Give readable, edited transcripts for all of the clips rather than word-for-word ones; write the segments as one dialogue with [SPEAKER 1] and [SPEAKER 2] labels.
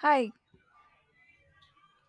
[SPEAKER 1] Hi,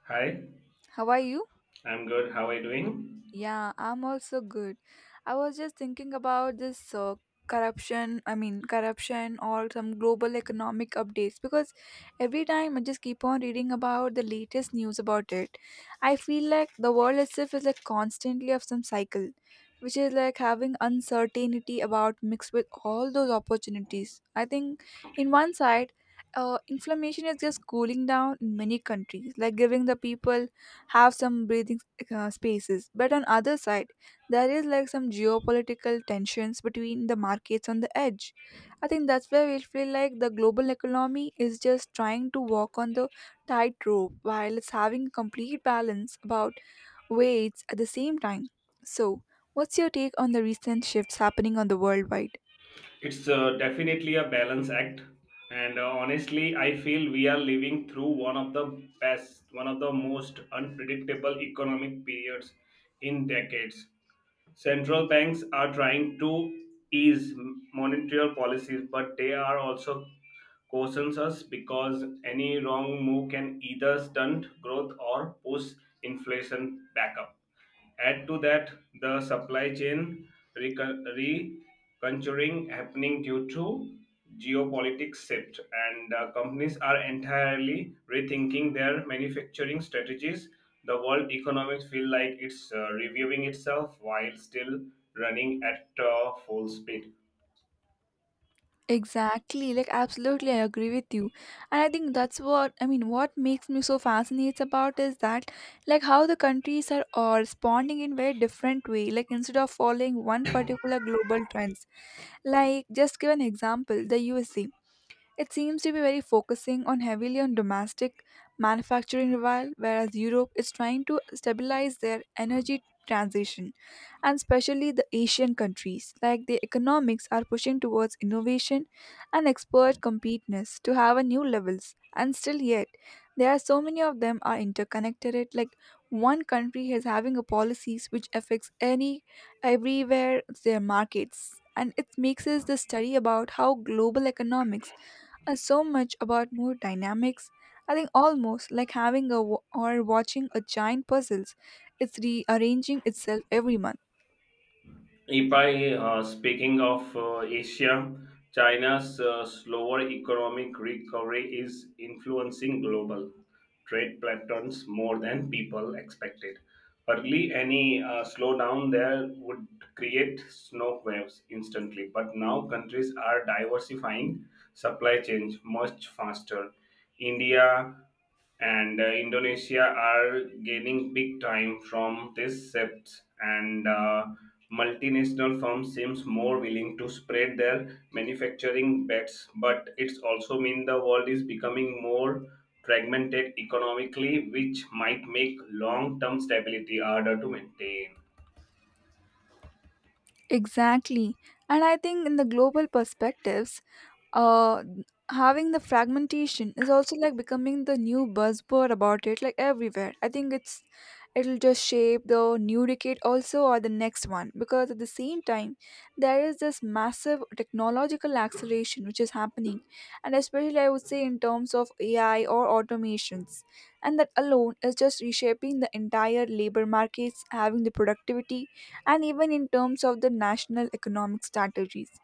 [SPEAKER 2] Hi,
[SPEAKER 1] how are you?
[SPEAKER 2] I'm good. How are you doing?
[SPEAKER 1] Yeah, I'm also good. I was just thinking about this corruption, corruption or some global economic updates because every time I just keep on reading about the latest news about it. I feel like the world itself is like constantly of some cycle, which is like having uncertainty about mixed with all those opportunities. I think in one side, inflammation is just cooling down in many countries, like giving the people have some breathing spaces but on other side there is like some geopolitical tensions between the markets on the edge. I think that's where we feel like the global economy is just trying to walk on the tightrope while it's having complete balance about weights at the same time. So what's your take on the recent shifts happening on the worldwide?
[SPEAKER 2] It's definitely a balance act, and honestly, I feel we are living through one of the best, one of the most unpredictable economic periods in decades. Central banks are trying to ease monetary policies, but they are also cautions us because any wrong move can either stunt growth or push inflation back up. Add to that the supply chain reconjuring happening due to geopolitics shift, and companies are entirely rethinking their manufacturing strategies. The world economics feel like it's reviewing itself while still running at full speed.
[SPEAKER 1] Exactly, like absolutely, I agree with you, and I think that's what I mean. What makes me so fascinated about is that, like, how the countries are all responding in very different way. Like, instead of following one particular global trends, like just give an example, the USA. It seems to be very focusing on heavily on domestic manufacturing while whereas Europe is trying to stabilize their energy transition, and especially the Asian countries like the economics are pushing towards innovation and expert competitiveness to have a new levels, and still yet there are so many of them are interconnected like one country is having a policies which affects any everywhere their markets, and it makes us the study about how global economics so much about mood dynamics. I think almost like having a wa- or watching a giant puzzles. It's rearranging itself every month.
[SPEAKER 2] If I Speaking of Asia, China's slower economic recovery is influencing global trade patterns more than people expected. Early, any slowdown there would create snow waves instantly, but now countries are diversifying supply chains much faster. India and Indonesia are gaining big time from this shift, and multinational firms seems more willing to spread their manufacturing bets. But it's also mean the world is becoming more fragmented economically, which might make long-term stability harder to maintain.
[SPEAKER 1] Exactly. And I think in the global perspectives, uh having the fragmentation is also like becoming the new buzzword about it like everywhere. I think it's it'll just shape the new decade also or the next one because at the same time there is this massive technological acceleration which is happening, and especially I would say in terms of AI or automations, and that alone is just reshaping the entire labor markets having the productivity and even in terms of the national economic strategies.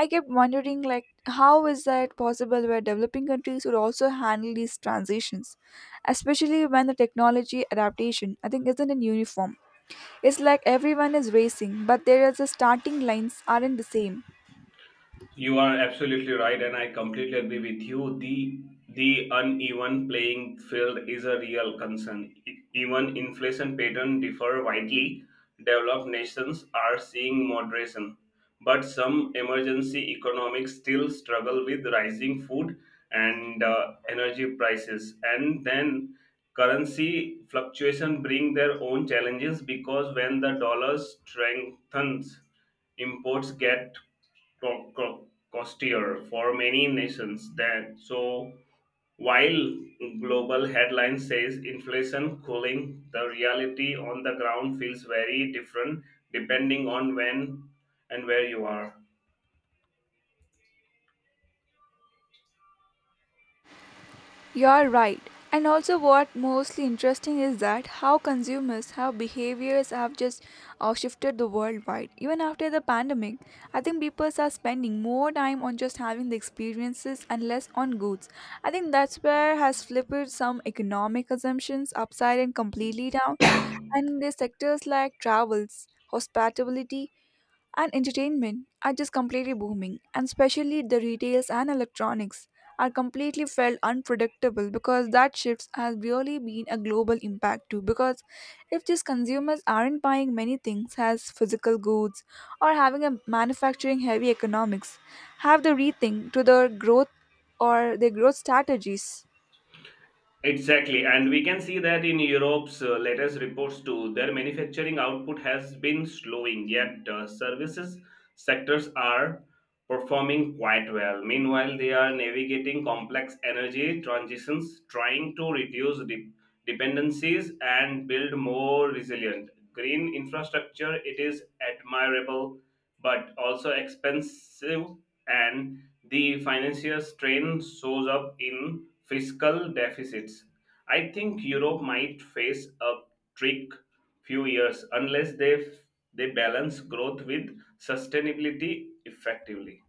[SPEAKER 1] I kept wondering like how is that possible where developing countries would also handle these transitions, especially when the technology adaptation I think isn't in uniform. It's like everyone is racing, but their the starting lines aren't the same.
[SPEAKER 2] You are absolutely right, and I completely agree with you. The uneven playing field is a real concern. Even inflation patterns differ widely. Developed nations are seeing moderation, but some emergency economics still struggle with rising food and energy prices. And then currency fluctuation bring their own challenges because when the dollar strengthens, imports get costlier for many nations than so while global headline says inflation cooling, the reality on the ground feels very different depending on when and where you are.
[SPEAKER 1] You're right. And also, what mostly interesting is that how consumers, how behaviors have just shifted the worldwide. Even after the pandemic, I think people are spending more time on just having the experiences and less on goods. I think that's where has flipped some economic assumptions upside and completely down. And the sectors like travels, hospitality, and entertainment are just completely booming, and especially the retails and electronics are completely felt unpredictable because that shifts has really been a global impact too. Because if these consumers aren't buying many things as physical goods or having a manufacturing heavy economics, have the rethink to their growth or their growth strategies.
[SPEAKER 2] Exactly, and we can see that in Europe's latest reports too. Their manufacturing output has been slowing, yet services sectors are performing quite well. Meanwhile, they are navigating complex energy transitions, trying to reduce dependencies and build more resilient green infrastructure. It is admirable, but also expensive and the financial strain shows up in fiscal deficits. I think Europe might face a trick few years unless they balance growth with sustainability effectively.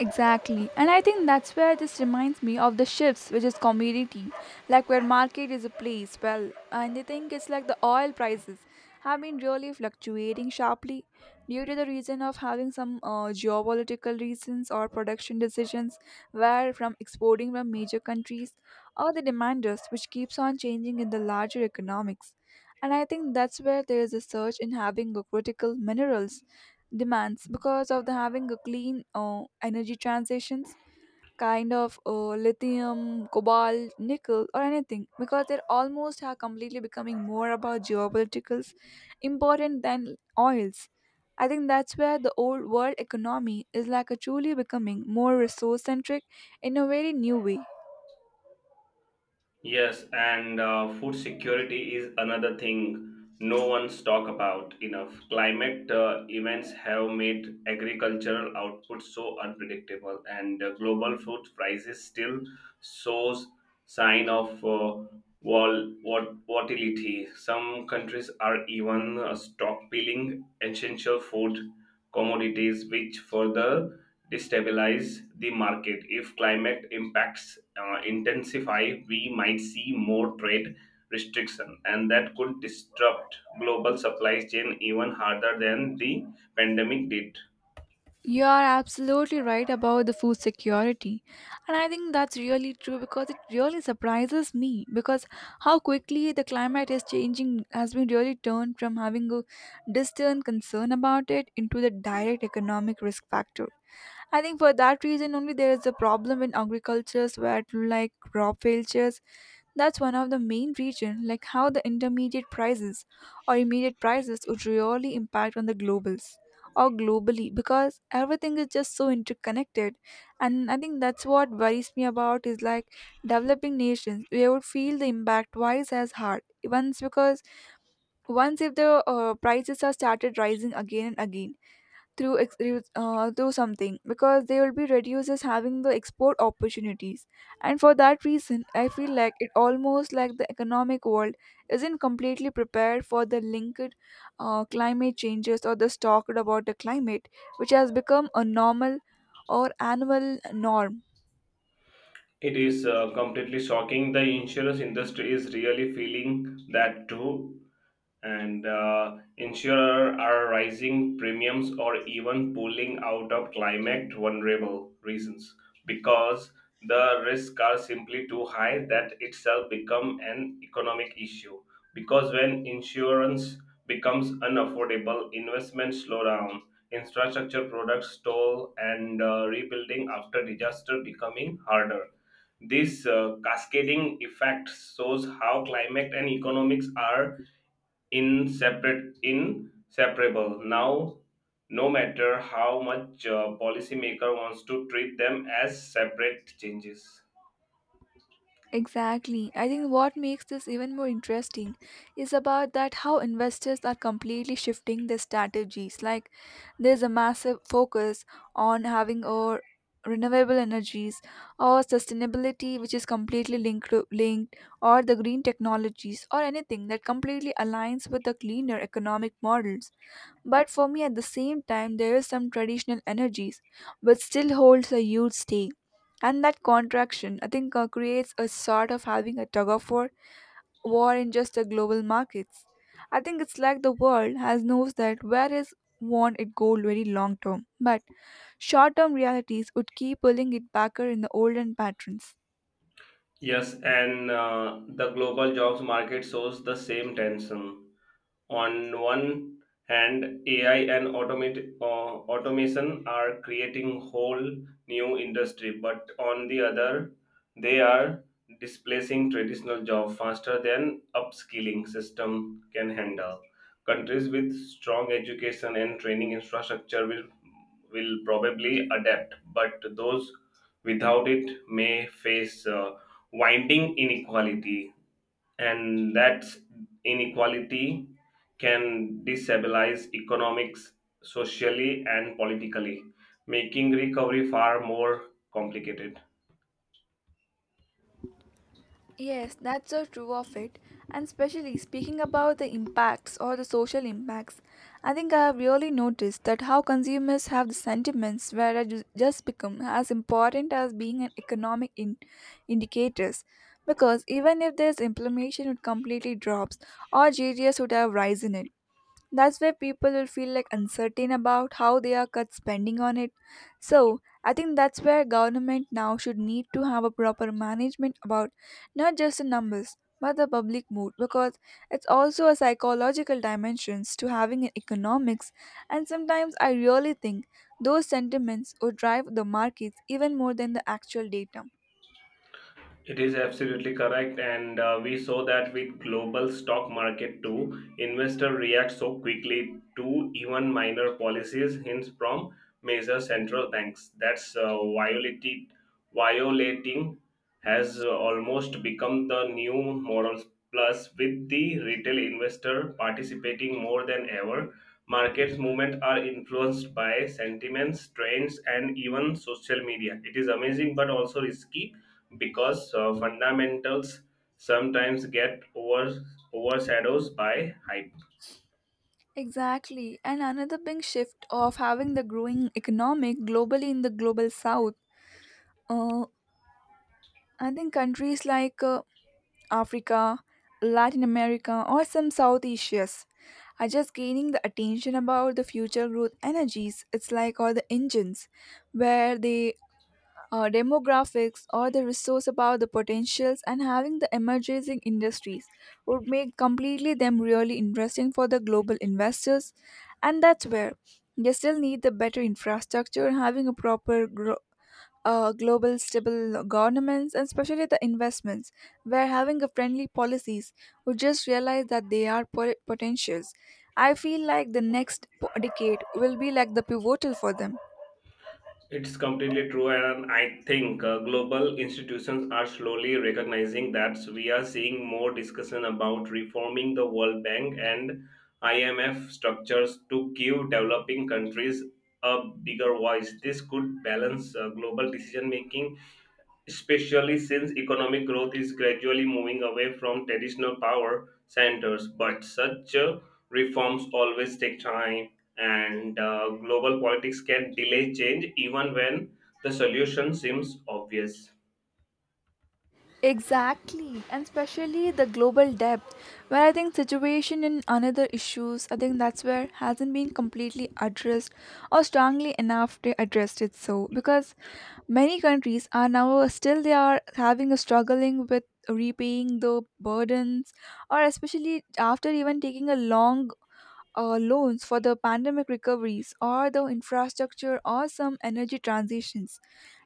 [SPEAKER 1] Exactly. And I think that's where this reminds me of the shifts, which is commodity, like where market is a place, well, and they think it's like the oil prices have been really fluctuating sharply due to the reason of having some geopolitical reasons or production decisions where from exporting from major countries or the demanders which keeps on changing in the larger economics. And I think that's where there is a surge in having a critical minerals demands because of the having a clean energy transitions kind of lithium cobalt nickel or anything because they're almost are completely becoming more about geopoliticals important than oils. I think that's where the old world economy is like a truly becoming more resource centric in a very new way.
[SPEAKER 2] Yes, and food security is another thing no one's talk about enough. Climate events have made agricultural output so unpredictable, and global food prices still shows sign of volatility. Some countries are even stockpiling essential food commodities, which further destabilize the market. If climate impacts intensify, we might see more trade restriction, and that could disrupt global supply chain even harder than the pandemic did.
[SPEAKER 1] You are absolutely right about the food security. And I think that's really true because it really surprises me because how quickly the climate is changing has been really turned from having a distant concern about it into the direct economic risk factor. I think for that reason only there is a problem in agricultures where like crop failures, that's one of the main reasons, like how the intermediate prices or immediate prices would really impact on the globals or globally because everything is just so interconnected. And I think that's what worries me about is like developing nations, we would feel the impact twice as hard. Once because once if the prices are started rising again and again through through something because they will be reduced as having the export opportunities. And for that reason I feel like it almost like the economic world isn't completely prepared for the linked climate changes or the talked about the climate which has become a normal or annual norm.
[SPEAKER 2] It is completely shocking. The insurance industry is really feeling that too. And insurer are rising premiums or even pulling out of climate vulnerable reasons because the risks are simply too high. That itself become an economic issue because when insurance becomes unaffordable, investments slow down, infrastructure products stall, and rebuilding after disaster becoming harder. This cascading effect shows how climate and economics are inseparable now, no matter how much policymaker wants to treat them as separate changes.
[SPEAKER 1] Exactly. I think what makes this even more interesting is about that how investors are completely shifting their strategies. Like there's a massive focus on having or renewable energies or sustainability which is completely linked or the green technologies or anything that completely aligns with the cleaner economic models. But for me, at the same time, there is some traditional energies which still holds a huge stake. And that contraction, I think, creates a sort of having a tug of war in just the global markets. I think it's like the world has knows that where is want it go very long term, but short term realities would keep pulling it backer in the olden patterns.
[SPEAKER 2] Yes, and the global jobs market shows the same tension. On one hand, AI and automation are creating whole new industry, but on the other, they are displacing traditional job faster than upskilling system can handle. Countries with strong education and training infrastructure will probably adapt, but those without it may face winding inequality, and that inequality can destabilize economics, socially, and politically, making recovery far more complicated.
[SPEAKER 1] Yes, that's so true of it. And especially speaking about the impacts or the social impacts, I think I have really noticed that how consumers have the sentiments where I just become as important as being an economic indicators. Because even if there's inflammation would completely drops or GDS would have rise in it. That's where people will feel like uncertain about how they are cut spending on it. So I think that's where government now should need to have a proper management about not just the numbers but the public mood because it's also a psychological dimensions to having an economics, and sometimes I really think those sentiments would drive the markets even more than the actual data.
[SPEAKER 2] It is absolutely correct, and we saw that with global stock market too. Investor react so quickly to even minor policies hints from major central banks. That's violating has almost become the new morals. Plus, with the retail investor participating more than ever, markets movements are influenced by sentiments, trends, and even social media. It is amazing but also risky because fundamentals sometimes get overshadows by hype.
[SPEAKER 1] Exactly. And another big shift of having the growing economic globally in the global south. Uh, I think countries like Africa, Latin America, or some South Asia's are just gaining the attention about the future growth energies. It's like all the engines where they demographics or the resource about the potentials and having the emerging industries would make completely them really interesting for the global investors, and that's where they still need the better infrastructure having a proper global stable governments and especially the investments where having a friendly policies would just realize that they are potentials. I feel like the next decade will be like the pivotal for them.
[SPEAKER 2] It's completely true, and I think global institutions are slowly recognizing that. We are seeing more discussion about reforming the World Bank and IMF structures to give developing countries a bigger voice. This could balance global decision making, especially since economic growth is gradually moving away from traditional power centers. But such reforms always take time, and global politics can delay change even when the solution seems obvious.
[SPEAKER 1] Exactly, and especially the global depth, where I think situation and another issues, I think that's where hasn't been completely addressed or strongly enough to address it. So because many countries are now still they are having a struggling with repaying the burdens, or especially after even taking a long loans for the pandemic recoveries or the infrastructure or some energy transitions.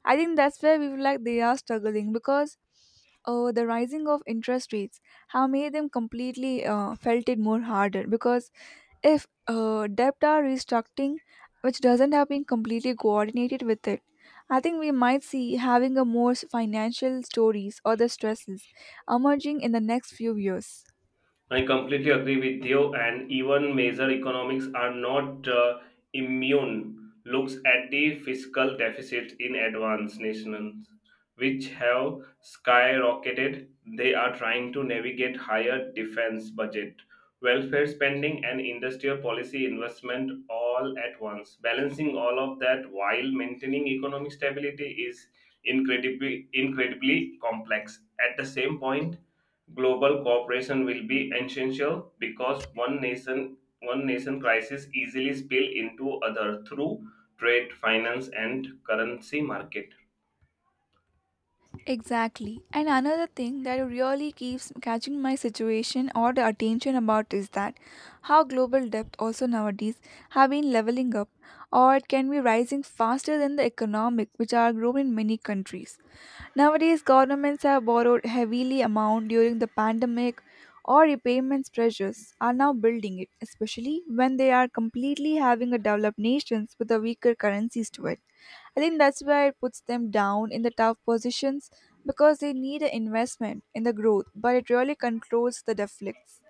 [SPEAKER 1] I think that's where we feel like they are struggling because the rising of interest rates have made them completely felt it more harder because if debt are restructuring which doesn't have been completely coordinated with it. I think we might see having a more financial stories or the stresses emerging in the next few years.
[SPEAKER 2] I completely agree with you, and even major economics are not immune. Looks at the fiscal deficits in advanced nations, which have skyrocketed. They are trying to navigate higher defense budget, welfare spending, and industrial policy investment all at once. Balancing all of that while maintaining economic stability is incredibly complex. At the same point, global cooperation will be essential because one nation crisis easily spill into other through trade, finance, and currency market.
[SPEAKER 1] Exactly. And another thing that really keeps catching my situation or the attention about is that how global debt also nowadays have been leveling up or it can be rising faster than the economic which are growing in many countries. Nowadays governments have borrowed heavily amount during the pandemic or repayments pressures are now building it, especially when they are completely having a developed nations with a weaker currencies to it. I think that's where it puts them down in the tough positions because they need an investment in the growth, but it really controls the deflects.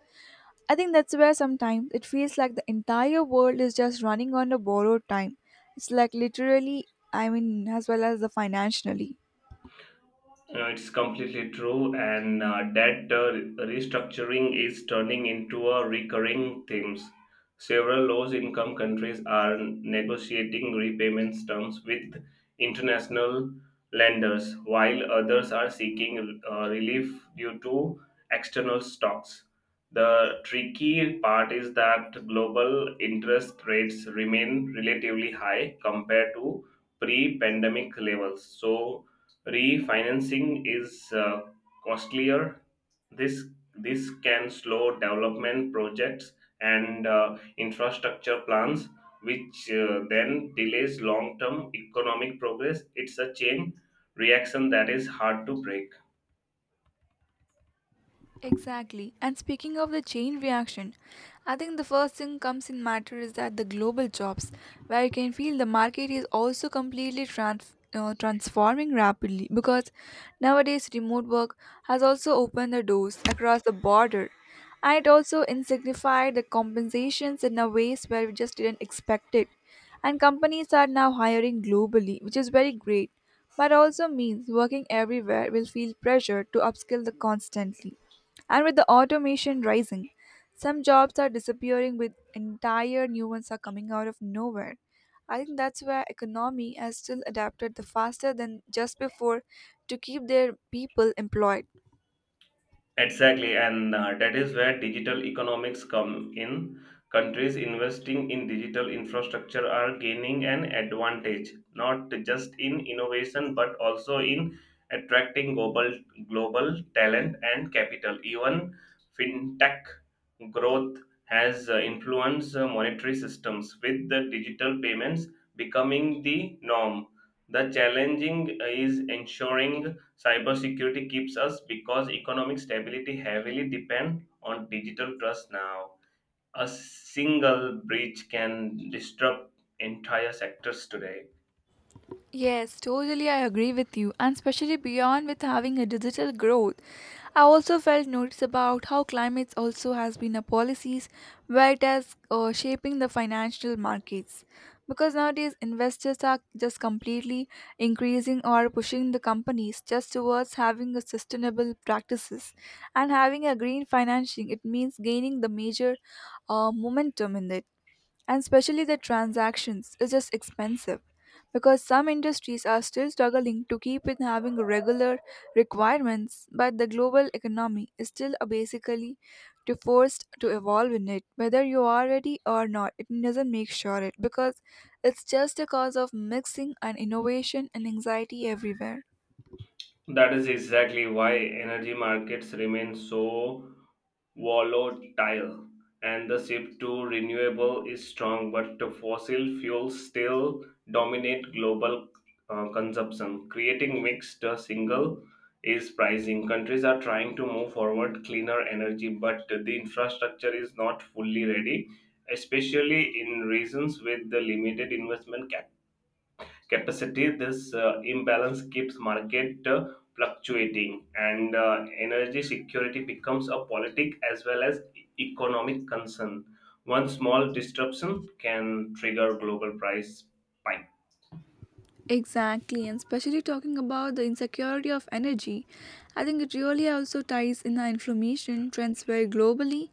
[SPEAKER 1] I think that's where sometimes it feels like the entire world is just running on a borrowed time. It's like literally, I mean, as well as the financially.
[SPEAKER 2] It's completely true, and that restructuring is turning into a recurring theme. Several low-income countries are negotiating repayment terms with international lenders, while others are seeking relief due to external shocks. The tricky part is that global interest rates remain relatively high compared to pre-pandemic levels, so refinancing is costlier. This this can slow development projects and infrastructure plans, which then delays long-term economic progress. It's a chain reaction that is hard to break.
[SPEAKER 1] Exactly. And speaking of the chain reaction, I think the first thing comes in matter is that the global jobs, where you can feel the market is also completely transforming rapidly because nowadays remote work has also opened the doors across the border. And it also insignified the compensations in a ways where we just didn't expect it. And companies are now hiring globally, which is very great, but also means working everywhere will feel pressure to upskill the constantly. And with the automation rising, some jobs are disappearing with entire new ones are coming out of nowhere. I think that's where economy has still adapted the faster than just before to keep their people employed.
[SPEAKER 2] Exactly, and that is where digital economics come in. Countries investing in digital infrastructure are gaining an advantage, not just in innovation but also in attracting global talent and capital. Even fintech growth has influenced monetary systems, with the digital payments becoming the norm. The challenging is ensuring cybersecurity keeps us because economic stability heavily depends on digital trust now. A single breach can disrupt entire sectors today.
[SPEAKER 1] Yes, totally, I agree with you, and especially beyond with having a digital growth. I also felt notice about how climates also has been a policies where it has shaping the financial markets. Because nowadays investors are just completely increasing or pushing the companies just towards having a sustainable practices and having a green financing. It means gaining the major momentum in it, and especially the transactions is just expensive because some industries are still struggling to keep in having regular requirements, but the global economy is still a basically to forced to evolve in it whether you are ready or not, it doesn't make sure it because it's just a cause of mixing and innovation and anxiety everywhere.
[SPEAKER 2] That is exactly why energy markets remain so volatile, and the shift to renewable is strong, but the fossil fuels still dominate global consumption, creating mixed single is pricing. Countries are trying to move forward cleaner energy, but the infrastructure is not fully ready, especially in regions with the limited investment capacity. This imbalance keeps market fluctuating, and energy security becomes a politic as well as economic concern. One small disruption can trigger global price spike.
[SPEAKER 1] Exactly, and especially talking about the insecurity of energy, I think it really also ties in the inflammation transfer globally.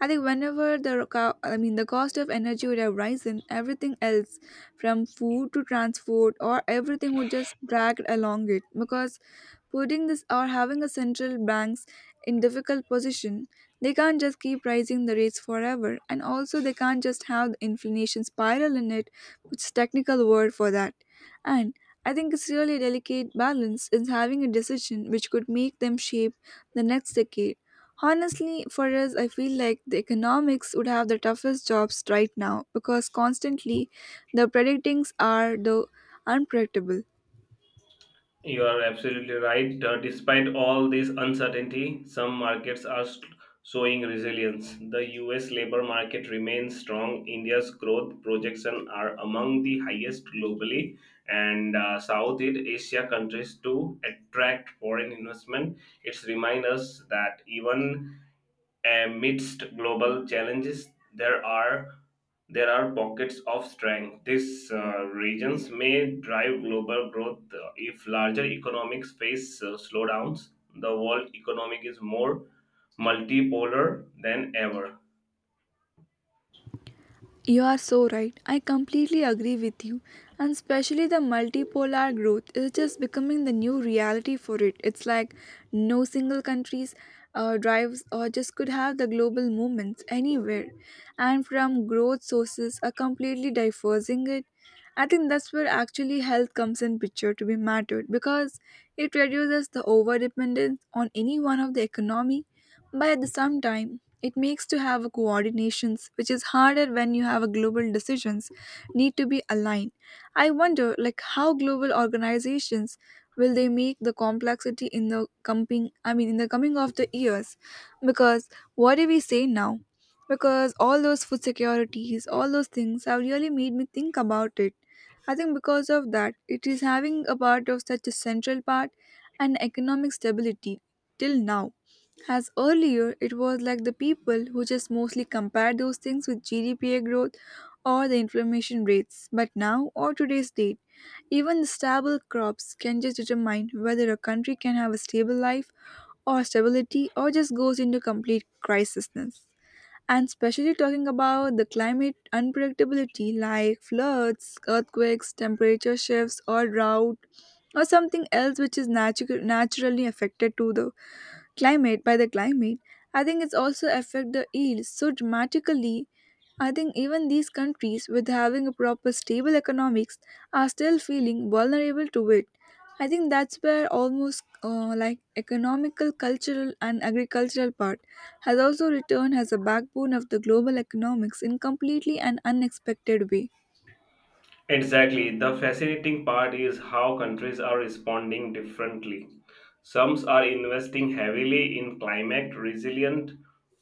[SPEAKER 1] I think whenever the the cost of energy would have risen, everything else from food to transport or everything would just drag along it because putting this or having a central banks in difficult position, they can't just keep raising the rates forever, and also they can't just have the inflation spiral in it, which is technical word for that. And I think it's really a delicate balance in having a decision which could make them shape the next decade. Honestly, for us, I feel like the economics would have the toughest jobs right now because constantly the predictings are the unpredictable.
[SPEAKER 2] You are absolutely right. Despite all this uncertainty, some markets are showing resilience. The US labor market remains strong. India's growth projections are among the highest globally, and Southeast Asia countries to attract foreign investment. It's remind us that even amidst global challenges, there are there are pockets of strength. These regions may drive global growth if larger economics face slowdowns. The world economic is more multipolar than ever.
[SPEAKER 1] You are so right. I completely agree with you. And especially the multipolar growth is just becoming the new reality for it. It's like no single countries drives or just could have the global movements anywhere. And from growth sources are completely diversing it. I think that's where actually health comes in picture to be mattered because it reduces the over dependence on any one of the economy by at the same time it makes to have a coordinations, which is harder when you have a global decisions need to be aligned. I wonder like how global organizations will they make the complexity in the coming of the years because what do we say now? Because all those food securities, all those things have really made me think about it. I think because of that, it is having a part of such a central part and economic stability till now, as earlier, it was like the people who just mostly compare those things with GDP growth or the inflammation rates. But now, or today's date, even the stable crops can just determine whether a country can have a stable life or stability or just goes into complete crisisness. And especially talking about the climate unpredictability like floods, earthquakes, temperature shifts, or drought, or something else which is naturally affected to the climate by the climate, I think it's also affect the yield so dramatically. I think even these countries with having a proper stable economics are still feeling vulnerable to it. I think that's where almost like economical cultural and agricultural part has also returned as a backbone of the global economics in completely an unexpected way.
[SPEAKER 2] Exactly. The fascinating part is how countries are responding differently. Some are investing heavily in climate resilient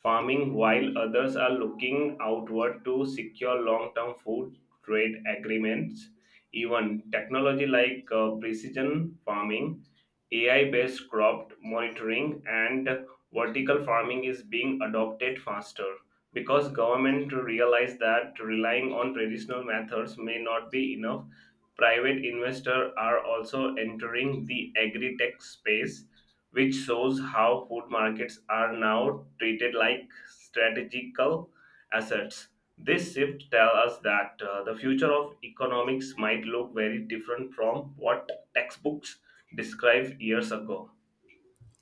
[SPEAKER 2] farming, while others are looking outward to secure long term food trade agreements. Even technology like precision farming, AI based crop monitoring, and vertical farming is being adopted faster because government realized that relying on traditional methods may not be enough. Private investors are also entering the agri-tech space, which shows how food markets are now treated like strategical assets. This shift tells us that the future of economics might look very different from what textbooks described years ago.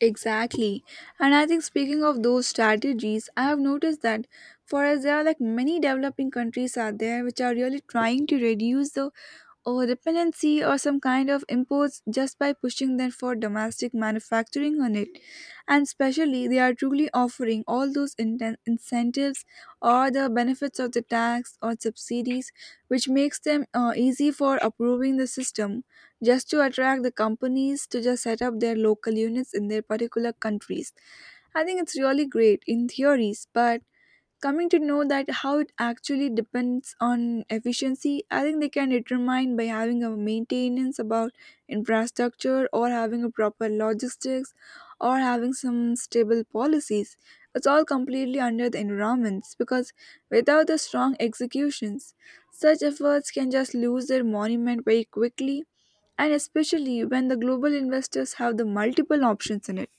[SPEAKER 1] Exactly. And I think speaking of those strategies, I have noticed that for us there are like many developing countries out there which are really trying to reduce the or dependency or some kind of imports just by pushing them for domestic manufacturing on it. And especially, they are truly offering all those incentives or the benefits of the tax or subsidies, which makes them easy for approving the system just to attract the companies to just set up their local units in their particular countries. I think it's really great in theories, but coming to know that how it actually depends on efficiency, I think they can determine by having a maintenance about infrastructure or having a proper logistics or having some stable policies. It's all completely under the environments because without the strong executions such efforts can just lose their monument very quickly, and especially when the global investors have the multiple options in it.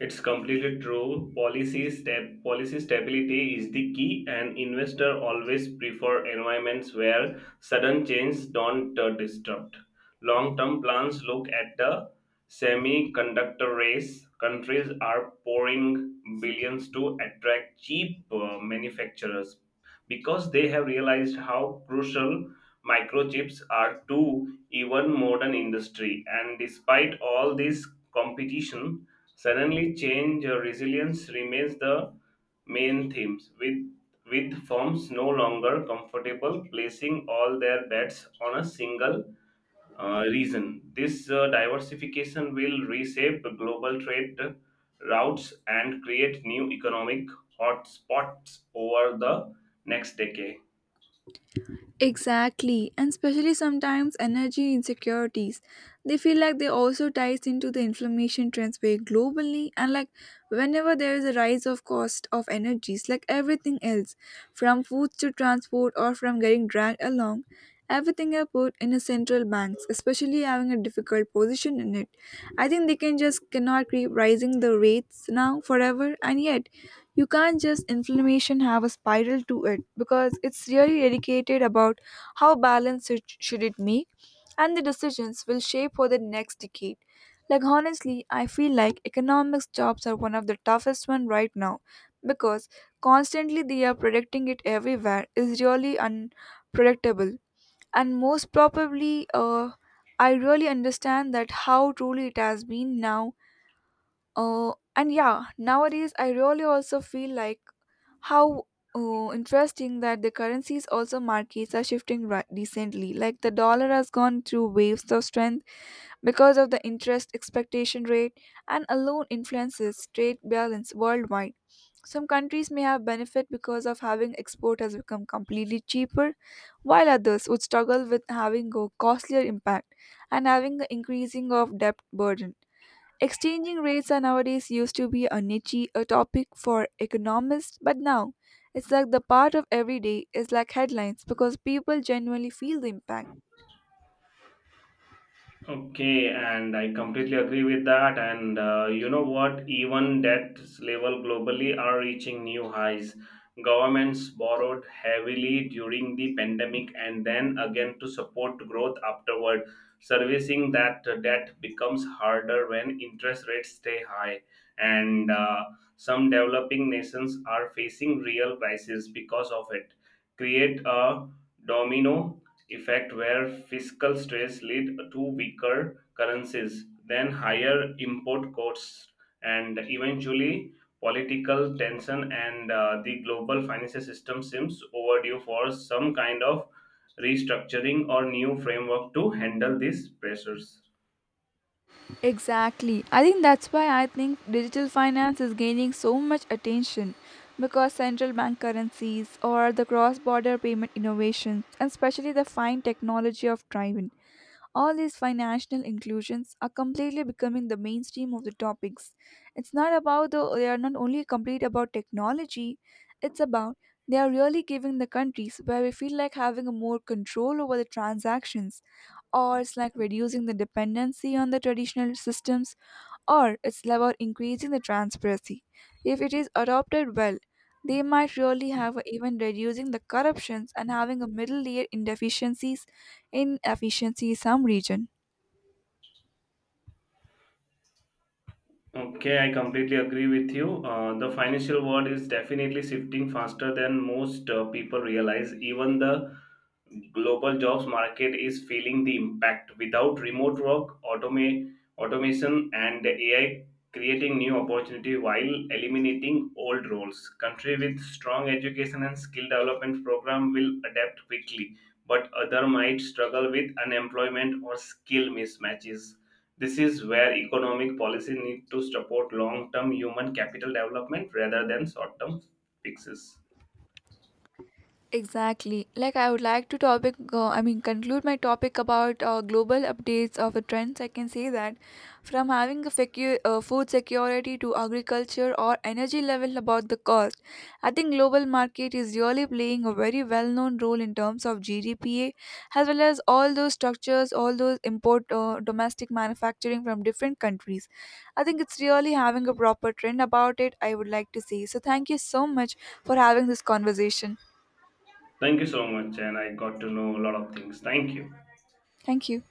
[SPEAKER 2] It's completely true. Policy stability is the key, and investor always prefer environments where sudden changes don't disrupt long-term plans. Look at the semiconductor race. Countries are pouring billions to attract cheap manufacturers because they have realized how crucial microchips are to even modern industry. And despite all this competition, suddenly change or resilience remains the main themes, with firms no longer comfortable placing all their bets on a single reason. This diversification will reshape the global trade routes and create new economic hotspots over the next decade.
[SPEAKER 1] Exactly, and especially sometimes energy insecurities. They feel like they also ties into the inflammation trends way globally, and like whenever there is a rise of cost of energies like everything else, from foods to transport or from getting dragged along, everything are put in a central banks, especially having a difficult position in it. I think they can just cannot keep rising the rates now forever, and yet you can't just inflammation have a spiral to it because it's really dedicated about how balanced it should it make, and the decisions will shape for the next decade. Like honestly I feel like economics jobs are one of the toughest one right now because constantly they are predicting it everywhere is really unpredictable. And most probably I really understand that how truly it has been now. And yeah, nowadays I really also feel like how. Oh, interesting that the currencies also markets are shifting recently. Like the dollar has gone through waves of strength because of the interest expectation rate and alone influences trade balance worldwide. Some countries may have benefit because of having export has become completely cheaper, while others would struggle with having a costlier impact and having the increasing of debt burden. Exchanging rates are nowadays used to be a niche a topic for economists, but now it's like the part of every day is like headlines because people genuinely feel the impact.
[SPEAKER 2] Okay, and I completely agree with that. And you know what? Even debt level globally are reaching new highs. Governments borrowed heavily during the pandemic and then again to support growth afterward. Servicing that debt becomes harder when interest rates stay high. And some developing nations are facing real crises because of it. Create a domino effect where fiscal stress lead to weaker currencies, then higher import costs, and eventually political tension. And the global financial system seems overdue for some kind of restructuring or new framework to handle these pressures.
[SPEAKER 1] Exactly. I think that's why I think digital finance is gaining so much attention because central bank currencies or the cross border payment innovations and especially the fine technology of driving. All these financial inclusions are completely becoming the mainstream of the topics. It's not about the they are not only complete about technology, it's about they are really giving the countries where we feel like having a more control over the transactions, or it's like reducing the dependency on the traditional systems, or it's about increasing the transparency. If it is adopted well, they might really have even reducing the corruptions and having a middle layer in deficiencies in efficiency some region.
[SPEAKER 2] Okay, I completely agree with you. The financial world is definitely shifting faster than most people realize. Even the global jobs market is feeling the impact. Without remote work, automation, and AI creating new opportunity while eliminating old roles. Country with strong education and skill development program will adapt quickly, but other might struggle with unemployment or skill mismatches. This is where economic policy need to support long-term human capital development rather than short-term fixes.
[SPEAKER 1] Exactly. Like I would like to topic. I mean, conclude my topic about global updates of the trends. I can say that from having a food security to agriculture or energy level about the cost, I think global market is really playing a very well-known role in terms of GDPA as well as all those structures, all those import domestic manufacturing from different countries. I think it's really having a proper trend about it. I would like to say so. Thank you so much for having this conversation.
[SPEAKER 2] Thank you so much, and I got to know a lot of things. Thank you.
[SPEAKER 1] Thank you.